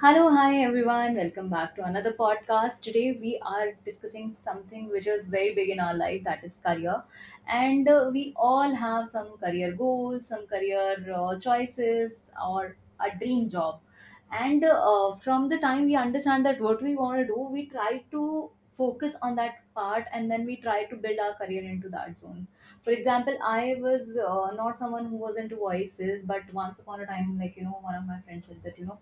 Hello, hi everyone. Welcome back to another podcast. Today we are discussing something which is very big in our life, that is career. And we all have some career goals, some career choices, or a dream job. And from the time we understand that what we want to do, we try to focus on that part and then we try to build our career into that zone. For example, I was not someone who was into voices, but once upon a time, like, you know, one of my friends said that, you know,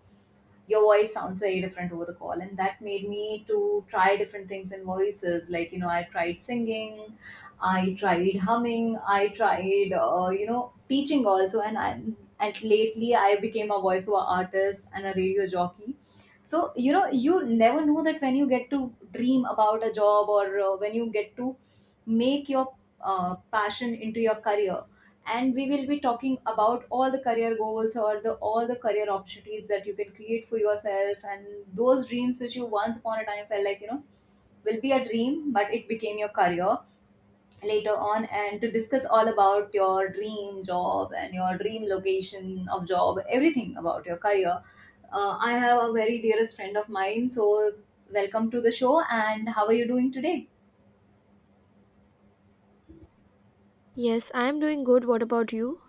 your voice sounds very different over the call, and that made me to try different things in voices, like you know, I tried singing, I tried humming, I tried you know, teaching also, and lately I became a voiceover artist and a radio jockey. So you know, you never know that when you get to dream about a job, or when you get to make your passion into your career. And we will be talking about all the career goals, or the all the career opportunities that you can create for yourself, and those dreams which you once upon a time felt like, you know, will be a dream, but it became your career later on. And to discuss all about your dream job and your dream location of job, everything about your career, I have a very dearest friend of mine. So welcome to the show, and how are you doing today? Yes, I'm doing good. What about you?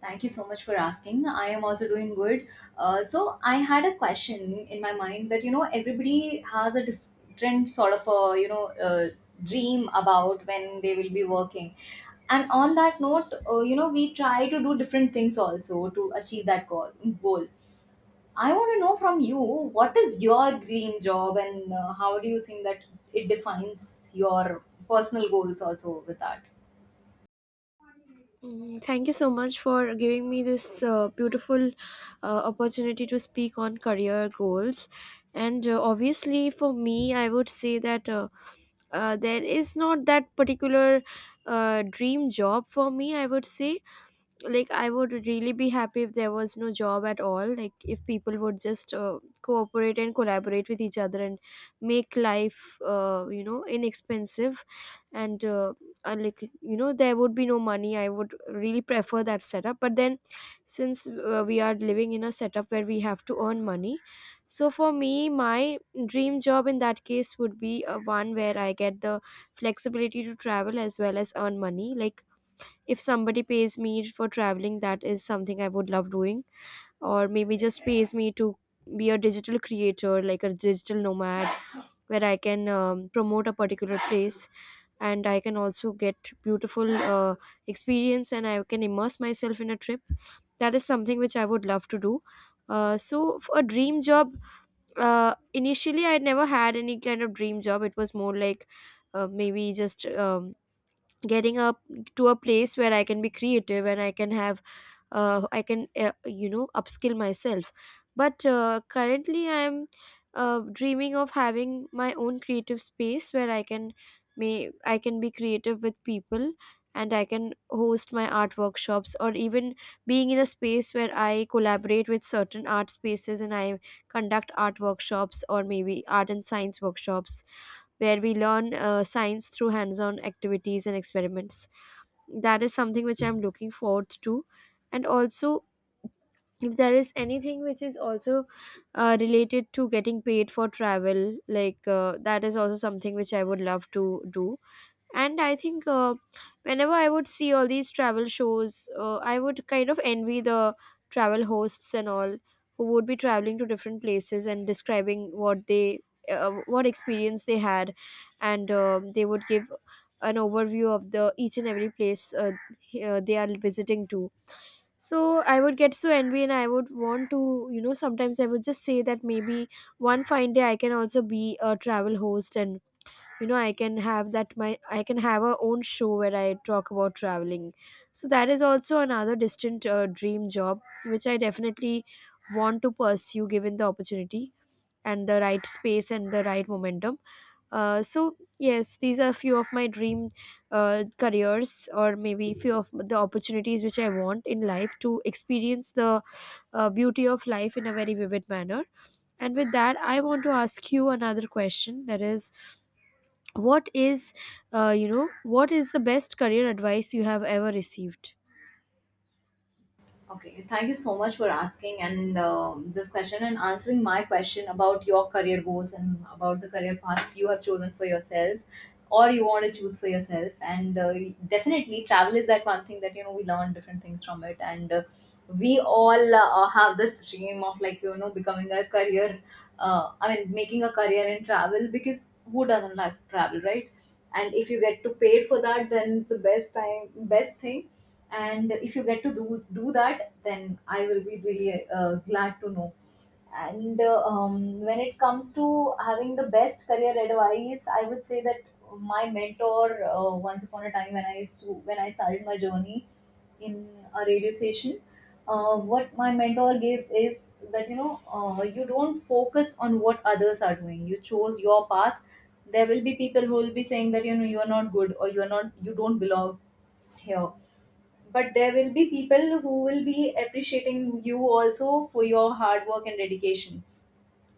Thank you so much for asking. I am also doing good. So I had a question in my mind that you know, everybody has a different sort of a, you know, dream about when they will be working. And on that note, you know, we try to do different things also to achieve that goal. I want to know from you, what is your dream job, and how do you think that it defines your personal goals also with that? Mm, thank you so much for giving me this beautiful opportunity to speak on career goals. And obviously, for me, I would say that there is not that particular dream job for me, I would say. Like, I would really be happy if there was no job at all, like if people would just cooperate and collaborate with each other and make life inexpensive. And Like, there would be no money. I would really prefer that setup, but then since we are living in a setup where we have to earn money, so for me, my dream job in that case would be a one where I get the flexibility to travel as well as earn money. Like, if somebody pays me for traveling, that is something I would love doing, or maybe just pays me to be a digital creator, like a digital nomad, where I can promote a particular place and I can also get beautiful experience, and I can immerse myself in a trip. That is something which I would love to do. So for a dream job, uh, initially I never had any kind of dream job. It was more like maybe just getting up to a place where I can be creative and I can have I can you know upskill myself. But currently I am dreaming of having my own creative space where I can may I can be creative with people, and I can host my art workshops, or even being in a space where I collaborate with certain art spaces and I conduct art workshops, or maybe art and science workshops where we learn science through hands on activities and experiments. That is something which I'm looking forward to. And also, if there is anything which is also related to getting paid for travel, like, that is also something which I would love to do. And I think whenever I would see all these travel shows, I would kind of envy the travel hosts and all, who would be traveling to different places and describing what they what experience they had, and um, they would give an overview of the each and every place, they are visiting to. So I would get so envy, and I would want to, sometimes I would just say that maybe one fine day I can also be a travel host, and I can have that my, I can have a own show where I talk about traveling. So that is also another distant dream job which I definitely want to pursue, given the opportunity and the right space and the right momentum. So yes, these are few of my dream careers, or maybe few of the opportunities which I want in life to experience the beauty of life in a very vivid manner. And with that, I want to ask you another question, that is, what is what is the best career advice you have ever received? Okay, thank you so much for asking, and this question and answering my question about your career goals and about the career paths you have chosen for yourself, or you want to choose for yourself. And definitely, travel is that one thing that, you know, we learn different things from it. And we all have this dream of, like you know, becoming a career. I mean, making a career in travel, because who doesn't like travel, right? And if you get to paid for that, then it's the best time, best thing. And if you get to do that, then I will be really glad to know. And when it comes to having the best career advice, I would say that my mentor, once upon a time, when I used to when I started my journey in a radio station, what my mentor gave is that you know, you don't focus on what others are doing, you chose your path. There will be people who will be saying that, you know, you are not good, or you are not, you don't belong here. But there will be people who will be appreciating you also for your hard work and dedication.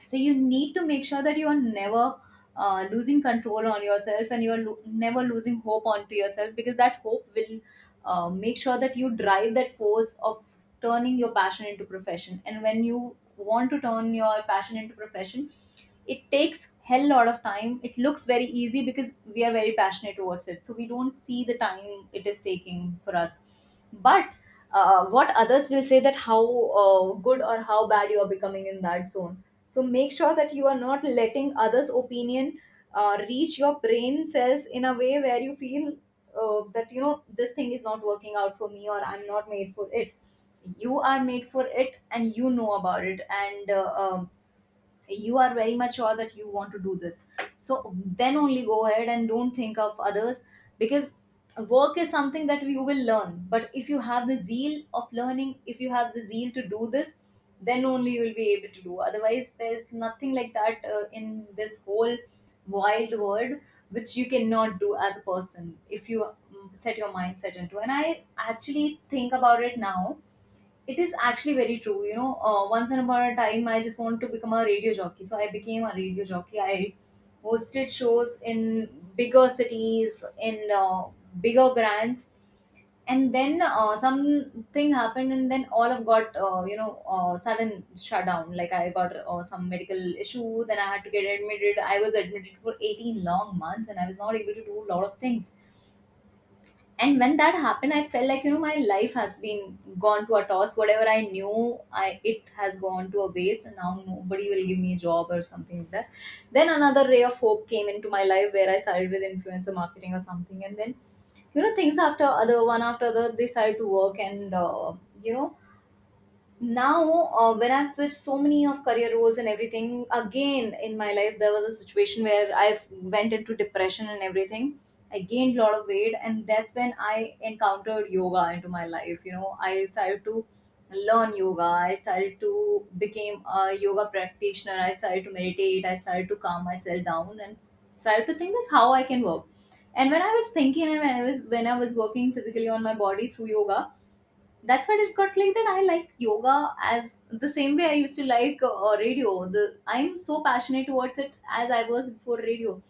So you need to make sure that you are never losing control on yourself, and you are never losing hope onto yourself, because that hope will make sure that you drive that force of turning your passion into profession. And when you want to turn your passion into profession, it takes hell lot of time. It looks very easy because we are very passionate towards it, so we don't see the time it is taking for us. But what others will say, that how good or how bad you are becoming in that zone, so make sure that you are not letting others opinion reach your brain cells in a way where you feel that you know, this thing is not working out for me, or I'm not made for it. You are made for it, and you know about it. And you are very much sure that you want to do this, so then only go ahead and don't think of others. Because work is something that you will learn, but if you have the zeal of learning, if you have the zeal to do this, then only you will be able to do. Otherwise, there's nothing like that in this whole wild world which you cannot do as a person, if you set your mindset into. And I actually think about it now, it is actually very true. You know, once in upon a time, I just wanted to become a radio jockey. So I became a radio jockey. I hosted shows in bigger cities, in bigger brands. And then something happened, and then all of got, sudden shutdown. Like I got some medical issue, then I had to get admitted. I was admitted for 18 long months, and I was not able to do a lot of things. And when that happened, I felt like, you know, my life has been gone to a toss, whatever I knew, I it has gone to a waste, and now nobody will give me a job or something like that. Then another ray of hope came into my life, where I started with influencer marketing or something, and then you know, things after other, one after other, they started to work. And you know, now when I've switched so many of career roles and everything, again in my life there was a situation where I've went into depression and everything. I gained a lot of weight, and that's when I encountered yoga into my life. You know, I started to learn yoga, I started to became a yoga practitioner, I started to meditate, I started to calm myself down, and started to think that how I can work. And when I was thinking, and when I was working physically on my body through yoga, that's what it got like, that I like yoga as the same way I used to like radio. The I'm so passionate towards it as I was before radio.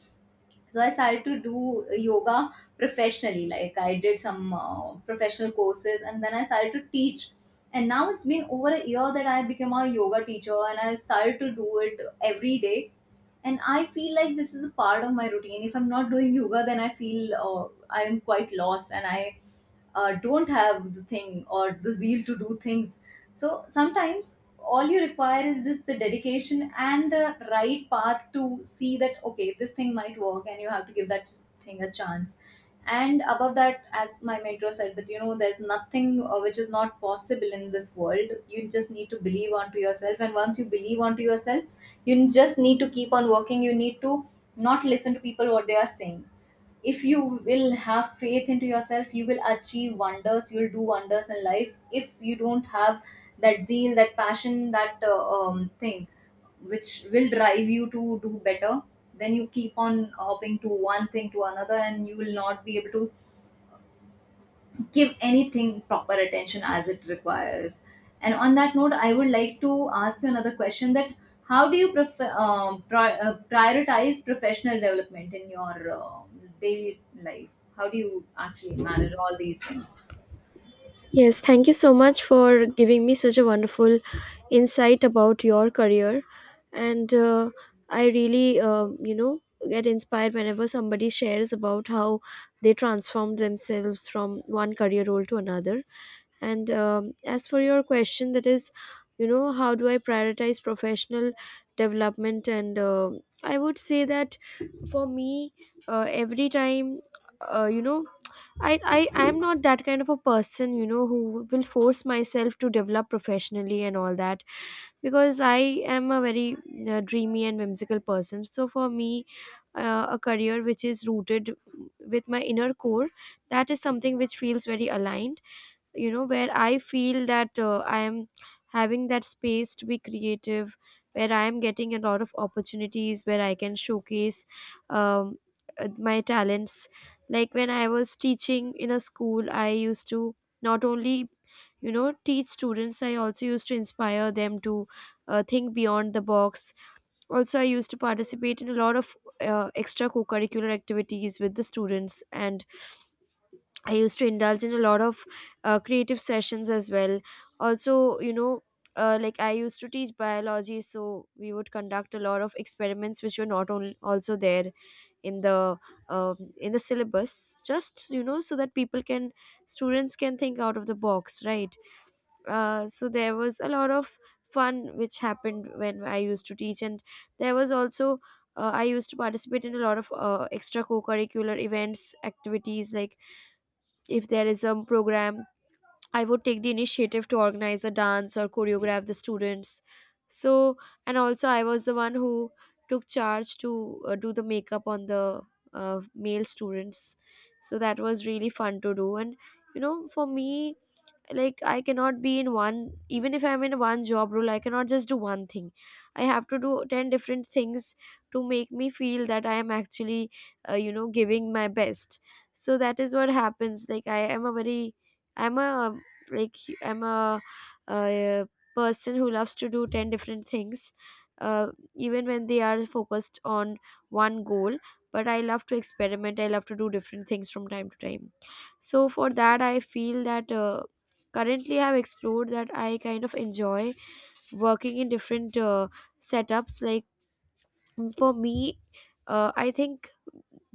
So I started to do yoga professionally, like I did some professional courses, and then I started to teach. And now it's been over a year that I became a yoga teacher, and I've started to do it every day. And I feel like this is a part of my routine. If I'm not doing yoga, then I feel I am quite lost, and I don't have the thing or the zeal to do things. So sometimes all you require is just the dedication and the right path, to see that okay, this thing might work, and you have to give that thing a chance. And above that, as my mentor said, that you know, there's nothing which is not possible in this world. You just need to believe onto yourself, and once you believe onto yourself, you just need to keep on working. You need to not listen to people what they are saying. If you will have faith into yourself, you will achieve wonders, you'll do wonders in life. If you don't have that zeal, that passion, that thing which will drive you to do better, then you keep on hopping to one thing to another, and you will not be able to give anything proper attention as it requires. And on that note, I would like to ask you another question, that how do you prefer, prioritize professional development in your daily life? How do you actually manage all these things? Yes, thank you so much for giving me such a wonderful insight about your career. And I really, get inspired whenever somebody shares about how they transformed themselves from one career role to another. And as for your question, that is, how do I prioritize professional development? And I would say that for me, every time, uh, you know, I am not that kind of a person, who will force myself to develop professionally and all that, because I am a very dreamy and whimsical person. So for me, a career which is rooted with my inner core, that is something which feels very aligned, where I feel that I am having that space to be creative, where I am getting a lot of opportunities where I can showcase um, my talents. Like, when I was teaching in a school, I used to not only teach students, I also used to inspire them to think beyond the box. Also, I used to participate in a lot of extra co-curricular activities with the students, and I used to indulge in a lot of creative sessions as well. Also, like, I used to teach biology, so we would conduct a lot of experiments which were not only also there in the in the syllabus. Just so that people can, students can think out of the box, right? So there was a lot of fun which happened when I used to teach, and there was also. I used to participate in a lot of extra co-curricular events, activities, like if there is a program, I would take the initiative to organize a dance or choreograph the students. So, and also I was the one who took charge to do the makeup on the male students. So that was really fun to do. And, for me, like, I cannot be in one, even if I'm in one job role, I cannot just do one thing. I have to do 10 different things to make me feel that I am actually giving my best. So that is what happens. Like, I am a very, I'm a, like, I'm a, uh person who loves to do 10 different things, uh, even when they are focused on one goal. But I love to experiment, I love to do different things from time to time. So for that, I feel that currently I've explored that I kind of enjoy working in different setups. Like, mm, for me, I think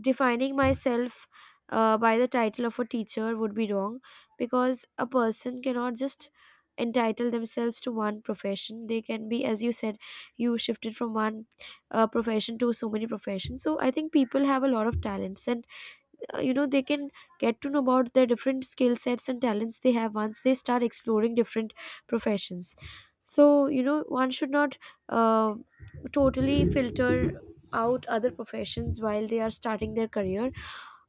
defining myself by the title of a teacher would be wrong, because a person cannot just entitle themselves to one profession. They can be, as you said, you shifted from one profession to so many professions. So I think people have a lot of talents, and they can get to know about the different skill sets and talents they have once they start exploring different professions. So one should not uh, totally filter out other professions while they are starting their career,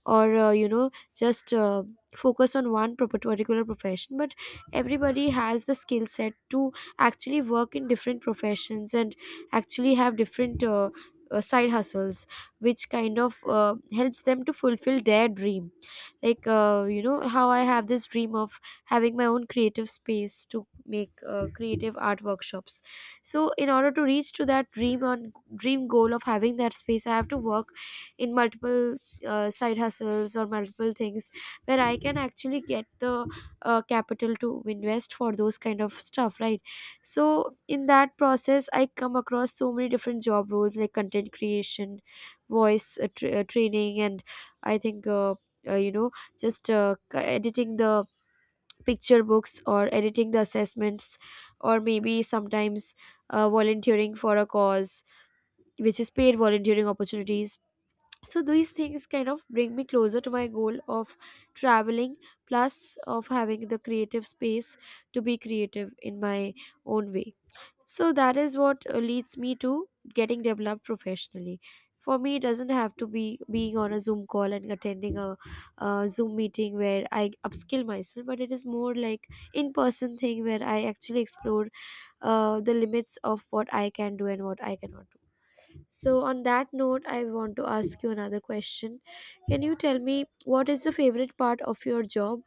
or just focus on one particular profession. But everybody has the skill set to actually work in different professions and actually have different side hustles which kind of helps them to fulfill their dream. Like, how I have this dream of having my own creative space to make creative art workshops. So in order to reach to that dream on dream goal of having that space, I have to work in multiple side hustles or multiple things, where I can actually get the capital to invest for those kind of stuff, right? So in that process, I come across so many different job roles, like content creation, voice training, and I think uh, you know just editing the picture books or editing the assessments, or maybe sometimes volunteering for a cause which is paid volunteering opportunities. So these things kind of bring me closer to my goal of traveling, plus of having the creative space to be creative in my own way. So that is what leads me to getting developed professionally. For me, it doesn't have to be being on a Zoom call and attending a Zoom meeting where I upskill myself, but it is more like in-person thing where I actually explore the limits of what I can do and what I cannot do. So, on that note, I want to ask you another question. Can you tell me, what is the favorite part of your job?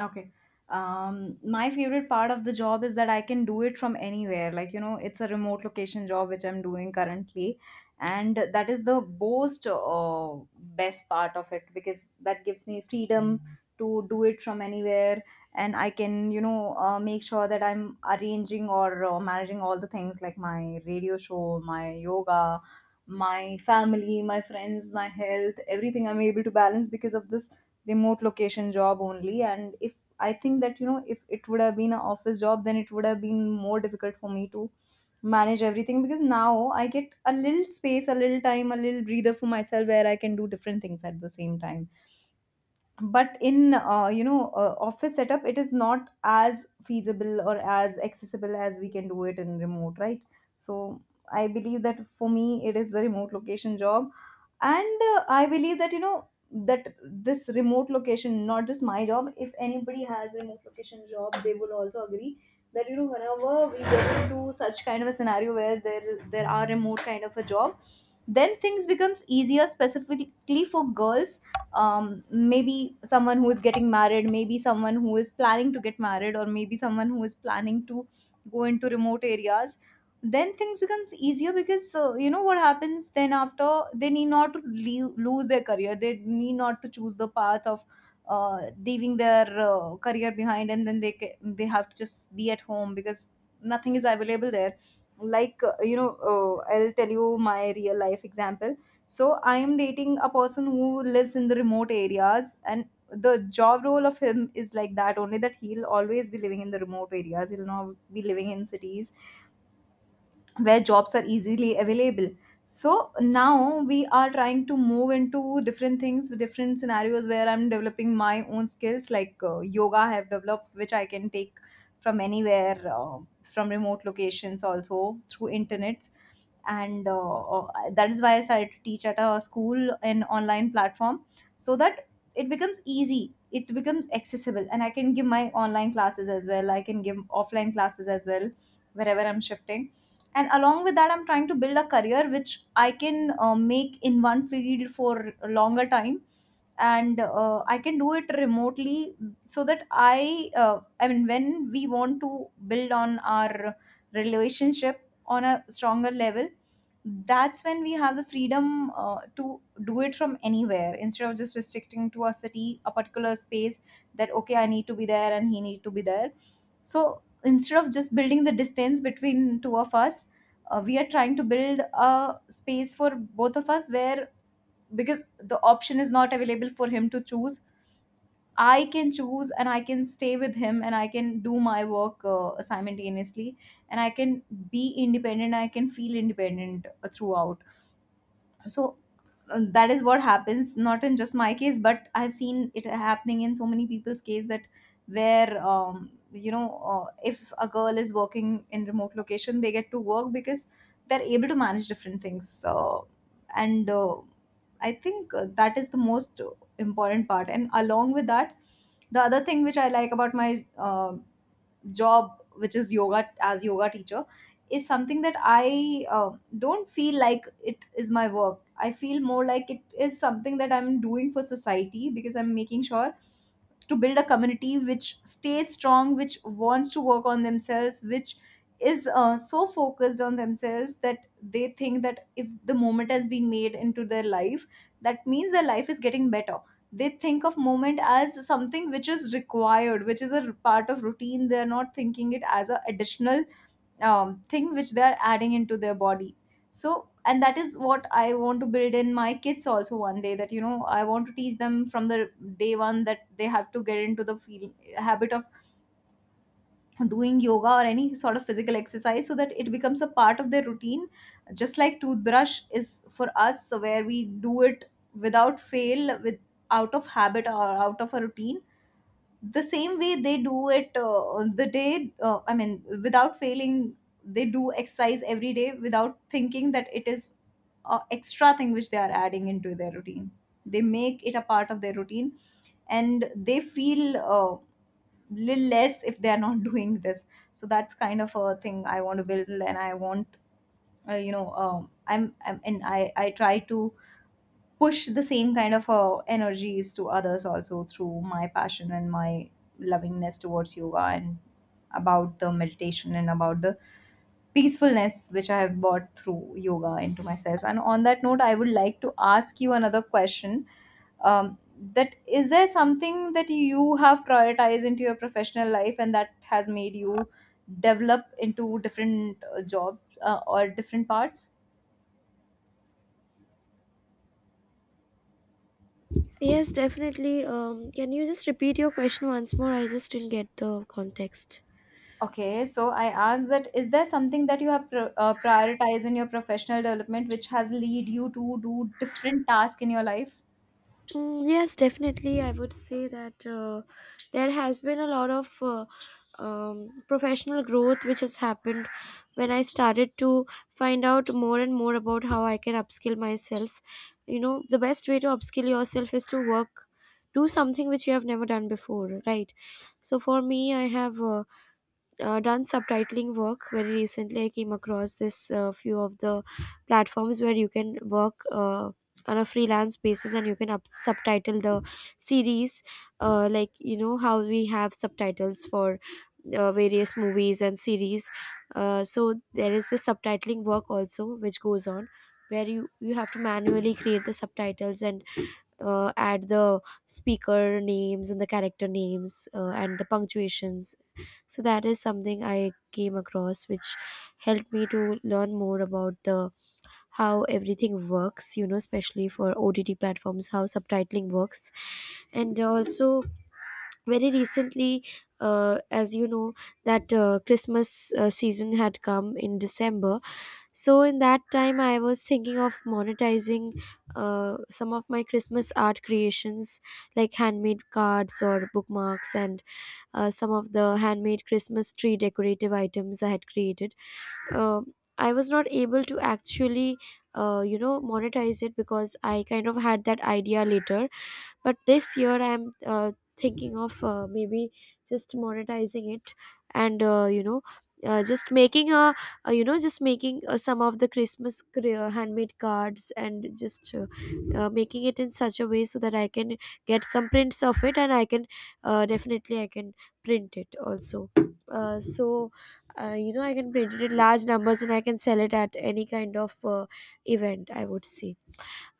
Okay. My favorite part of the job is that I can do it from anywhere. Like, you know, it's a remote location job which I'm doing currently. And that is the most best part of it, because that gives me freedom to do it from anywhere. And I can, you know, make sure that I'm arranging or managing all the things, like my radio show, my yoga, my family, my friends, my health, everything I'm able to balance because of this remote location job only. And if I think that, you know, if it would have been an office job, then it would have been more difficult for me to manage everything because now I get a little space, a little time, a little breather for myself where I can do different things at the same time but in office setup it is not as feasible or as accessible as we can do it in remote, right? So I believe that for me it is the remote location job. And I believe that, you know, that this remote location, not just my job, if anybody has remote location job, they will also agree that, you know, whenever we get into such kind of a scenario where there are remote kind of a job, then things becomes easier specifically for girls. Maybe someone who is getting married, maybe someone who is planning to get married, or maybe someone who is planning to go into remote areas, then things becomes easier because you know what happens then after, they need not to leave, lose their career, they need not to choose the path of uh, leaving their career behind, and then they have to just be at home because nothing is available there. Like, I'll tell you my real life example. So I am dating a person who lives in the remote areas, and the job role of him is like that only, that he'll always be living in the remote areas, he'll not be living in cities where jobs are easily available. So now we are trying to move into different things, different scenarios, where I'm developing my own skills, like yoga I have developed, which I can take from anywhere, from remote locations also through internet. And that is why I started to teach at a school, an online platform, so that it becomes easy, it becomes accessible, and I can give my online classes as well, I can give offline classes as well, wherever I'm shifting. And along with that, I'm trying to build a career which I can make in one field for a longer time, and I can do it remotely, so that I mean when we want to build on our relationship on a stronger level, that's when we have the freedom to do it from anywhere instead of just restricting to a city, a particular space, that okay, I need to be there and he need to be there. So instead of just building the distance between two of us, we are trying to build a space for both of us where, because the option is not available for him to choose, I can choose and I can stay with him and I can do my work simultaneously, and I can be independent, I can feel independent throughout. So that is what happens, not in just my case, but I've seen it happening in so many people's case, that where, if a girl is working in remote location, they get to work because they're able to manage different things. And I think that is the most important part. And along with that, the other thing which I like about my job, which is yoga, as yoga teacher, is something that I don't feel like it is my work, I feel more like it is something that I'm doing for society because I'm making sure to build a community which stays strong, which wants to work on themselves, which is so focused on themselves, that they think that if the moment has been made into their life, that means their life is getting better. They think of moment as something which is required, which is a part of routine, they are not thinking it as an additional thing which they are adding into their body. So and that is what I want to build in my kids also one day, that you know, I want to teach them from the day one that they have to get into the habit of doing yoga or any sort of physical exercise so that it becomes a part of their routine, just like toothbrush is for us, where we do it without fail, with out of habit or out of a routine, the same way they do it, the day I mean without failing, they do exercise every day without thinking that it is a extra thing which they are adding into their routine, they make it a part of their routine. And they feel little less if they are not doing this, so that's kind of a thing I want to build. And I want. I try to push the same kind of energies to others also through my passion and my lovingness towards yoga, and about the meditation, and about the peacefulness which I have brought through yoga into myself. And on that note, I would like to ask you another question. Um, that is, there something that you have prioritized into your professional life and that has made you develop into different jobs or different parts? Yes, definitely. Can you just repeat your question once more? I just didn't get the context. Okay, so I asked that is there something that you have prioritized in your professional development which has lead you to do different tasks in your life? Mm, yes, definitely. I would say that there has been a lot of professional growth which has happened when I started to find out more and more about how I can upskill myself. You know, the best way to upskill yourself is to work, do something which you have never done before, right? So for me, I have done subtitling work very recently. I came across this few of the platforms where you can work on a freelance basis, and you can subtitle the series. Like, you know, how we have subtitles for various movies and series, so there is the subtitling work also which goes on, where you have to manually create the subtitles and add the speaker names and the character names, and the punctuations. So that is something I came across which helped me to learn more about the how everything works, you know, especially for OTT platforms, how subtitling works. And also very recently, as you know, that Christmas season had come in December. So in that time, I was thinking of monetizing some of my Christmas art creations, like handmade cards or bookmarks, and some of the handmade Christmas tree decorative items I had created. Um I was not able to actually, monetize it because I kind of had that idea later. But this year, I'm thinking of maybe just monetizing it, and just making a you know just making some of the christmas handmade cards, and just making it in such a way so that I can get some prints of it, and I can definitely I can print it also. So I can print it in large numbers, and I can sell it at any kind of event, I would say.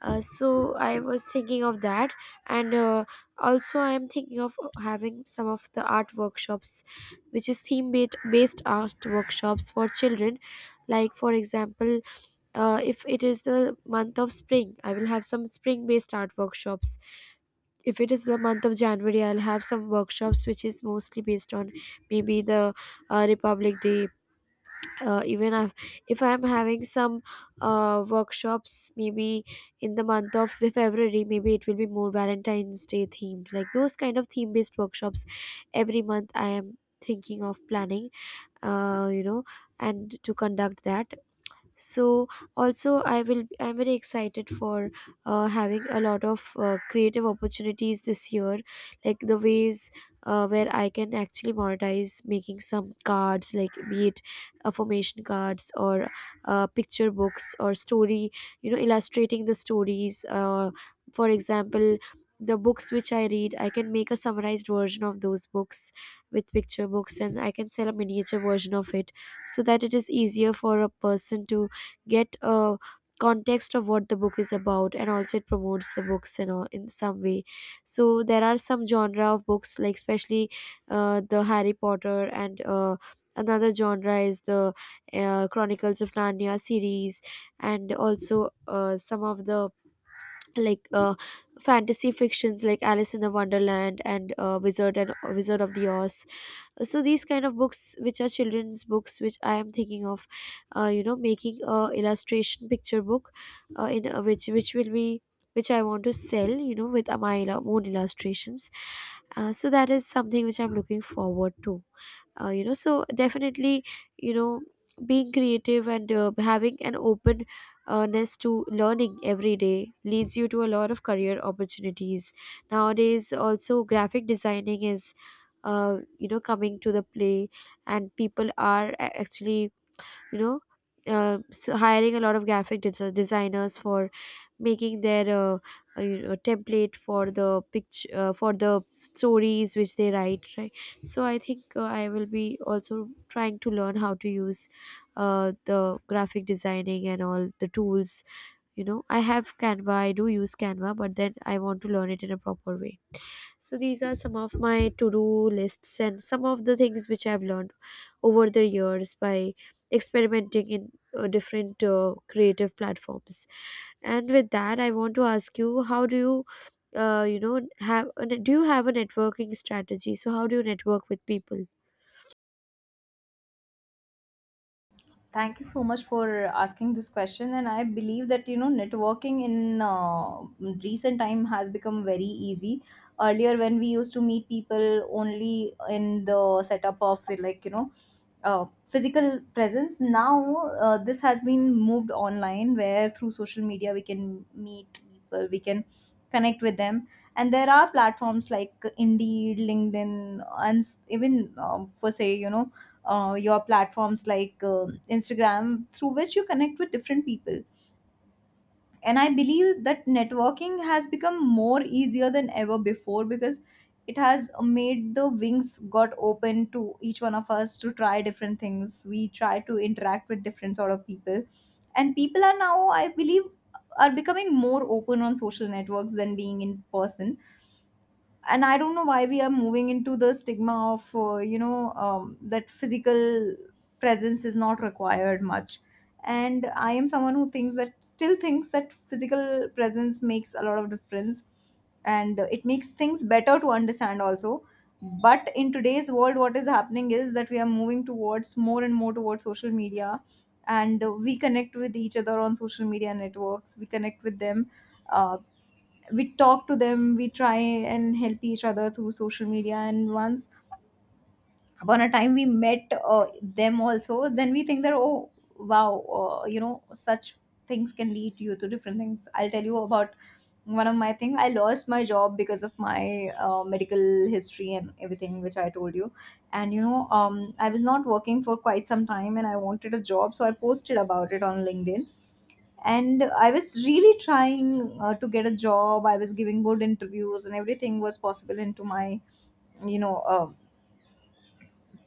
So I was thinking of that, and also I am thinking of having some of the art workshops, which is theme based art workshops for children. Like, for example, if it is the month of spring, I will have some spring based art workshops. If it is the month of January, I'll have some workshops which is mostly based on maybe the Republic Day. Even if I'm having some workshops maybe in the month of February, maybe it will be more Valentine's Day themed, like those kind of theme based workshops every month I am thinking of planning, uh, you know and to conduct that. So also I'm very excited for having a lot of creative opportunities this year, like the ways where I can actually monetize making some cards, like be it affirmation cards, or picture books, or story, you know, illustrating the stories. For example, the books which I read, I can make a summarized version of those books with picture books, and I can sell a miniature version of it, so that it is easier for a person to get a context of what the book is about, and also it promotes the books, you know, in some way. So there are some genre of books, like especially the Harry Potter, and another genre is the Chronicles of Narnia series. And also some of the like uh, fantasy fictions, like Alice in the Wonderland, and Wizard of the Oz. So these kind of books, which are children's books, which I am thinking of making a illustration picture book, in which will be which I want to sell, you know, with my own illustrations. So that is something which I'm looking forward to. So definitely, you know, being creative and having an openness to learning every day leads you to a lot of career opportunities. Nowadays, also graphic designing is coming to the play, and people are actually, you know, so hiring a lot of graphic designers for making their template for the picture, for the stories which they write, right? So I think I will be also trying to learn how to use the graphic designing and all the tools. You know, I have Canva, I do use Canva, but then I want to learn it in a proper way. So these are some of my to-do lists and some of the things which I've learned over the years by experimenting in different creative platforms. And with that, I want to ask you, how do you, have a, do you have a networking strategy? So how do you network with people? Thank you so much for asking this question, and I believe that you know networking in recent time has become very easy. Earlier, when we used to meet people only in the setup of, like you know, physical presence, now this has been moved online where through social media we can meet people, we can connect with them. And there are platforms like Indeed, LinkedIn, and even, for say you know, your platforms like Instagram, through which you connect with different people. And I believe that networking has become more easier than ever before, because it has made the wings got open to each one of us to try different things, we try to interact with different sort of people, and people are now, I believe, are becoming more open on social networks than being in person. And I don't know why we are moving into the stigma of, that physical presence is not required much. And I am someone who thinks that still thinks that physical presence makes a lot of difference, and it makes things better to understand also. But in today's world what is happening is that we are moving towards more and more towards social media, and we connect with each other on social media networks, we connect with them, uh, we talk to them, we try and help each other through social media, and once upon a time we met them also, then we think that, oh, wow, you know, such things can lead you to different things. I'll tell you about one of my thing, I lost my job because of my medical history and everything which I told you. And you know, I was not working for quite some time and I wanted a job, so I posted about it on LinkedIn. And I was really trying to get a job, I was giving good interviews and everything was possible into my, you know,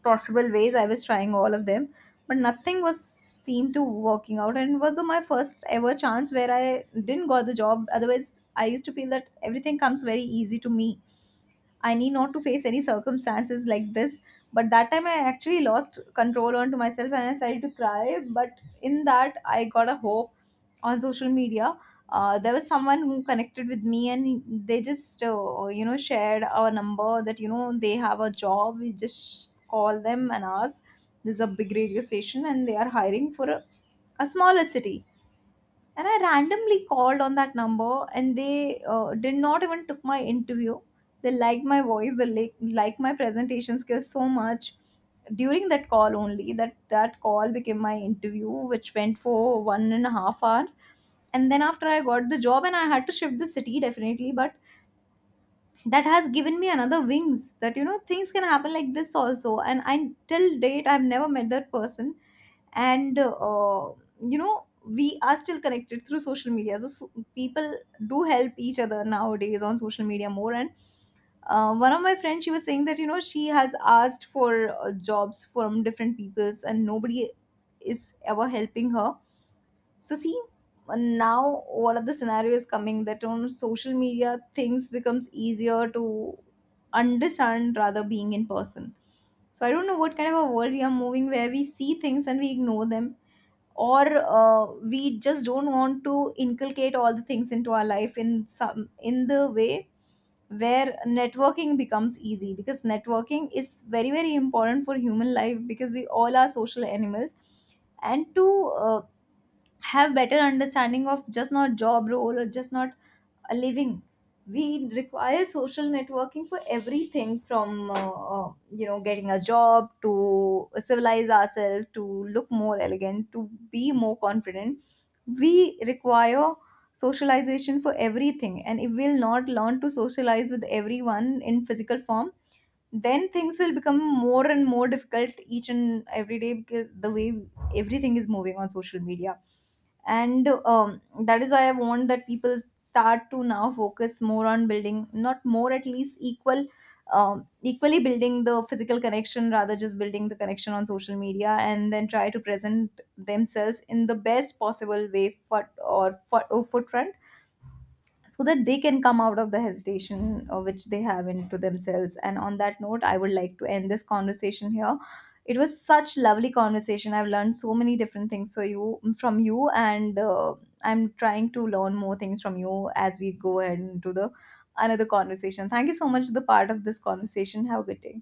possible ways, I was trying all of them. But nothing was seemed to working out, and it was my first ever chance where I didn't got the job. Otherwise, I used to feel that everything comes very easy to me, I need not to face any circumstances like this. But that time I actually lost control onto myself and I started to cry. But in that, I got a hope on social media. There was someone who connected with me and they just, you know, shared our number that, you know, they have a job. We just call them and ask. This is a big radio station and they are hiring for a smaller city. And I randomly called on that number, and they did not even took my interview. They liked my voice, they liked my presentation skills so much during that call only, that call became my interview which went for 1.5 hour. And then after I got the job and I had to shift the city definitely, but that has given me another wings, that you know, things can happen like this also, and I till date I've never met that person. And you know, we are still connected through social media. So people do help each other nowadays on social media more. And one of my friends, she was saying that, you know, she has asked for jobs from different peoples and nobody is ever helping her. So see, now one of the scenarios coming that on social media things becomes easier to understand rather being in person. So I don't know what kind of a world we are moving where we see things and we ignore them, or we just don't want to inculcate all the things into our life in some in the way where networking becomes easy, because networking is very very important for human life, because we all are social animals. And to uh, have better understanding of just not job role or just not a living, we require social networking for everything, from you know, getting a job, to civilize ourselves, to look more elegant, to be more confident, we require socialization for everything. And if we'll not learn to socialize with everyone in physical form, then things will become more and more difficult each and every day, because the way everything is moving on social media. And that is why I want that people start to now focus more on building, not more, at least equal, equally building the physical connection rather just building the connection on social media, and then try to present themselves in the best possible way for, or forefront, so that they can come out of the hesitation which they have into themselves. And on that note, I would like to end this conversation here. It was such lovely conversation, I've learned so many different things for you from you, and I'm trying to learn more things from you as we go ahead into the another conversation. Thank you so much for the part of this conversation, have a good day.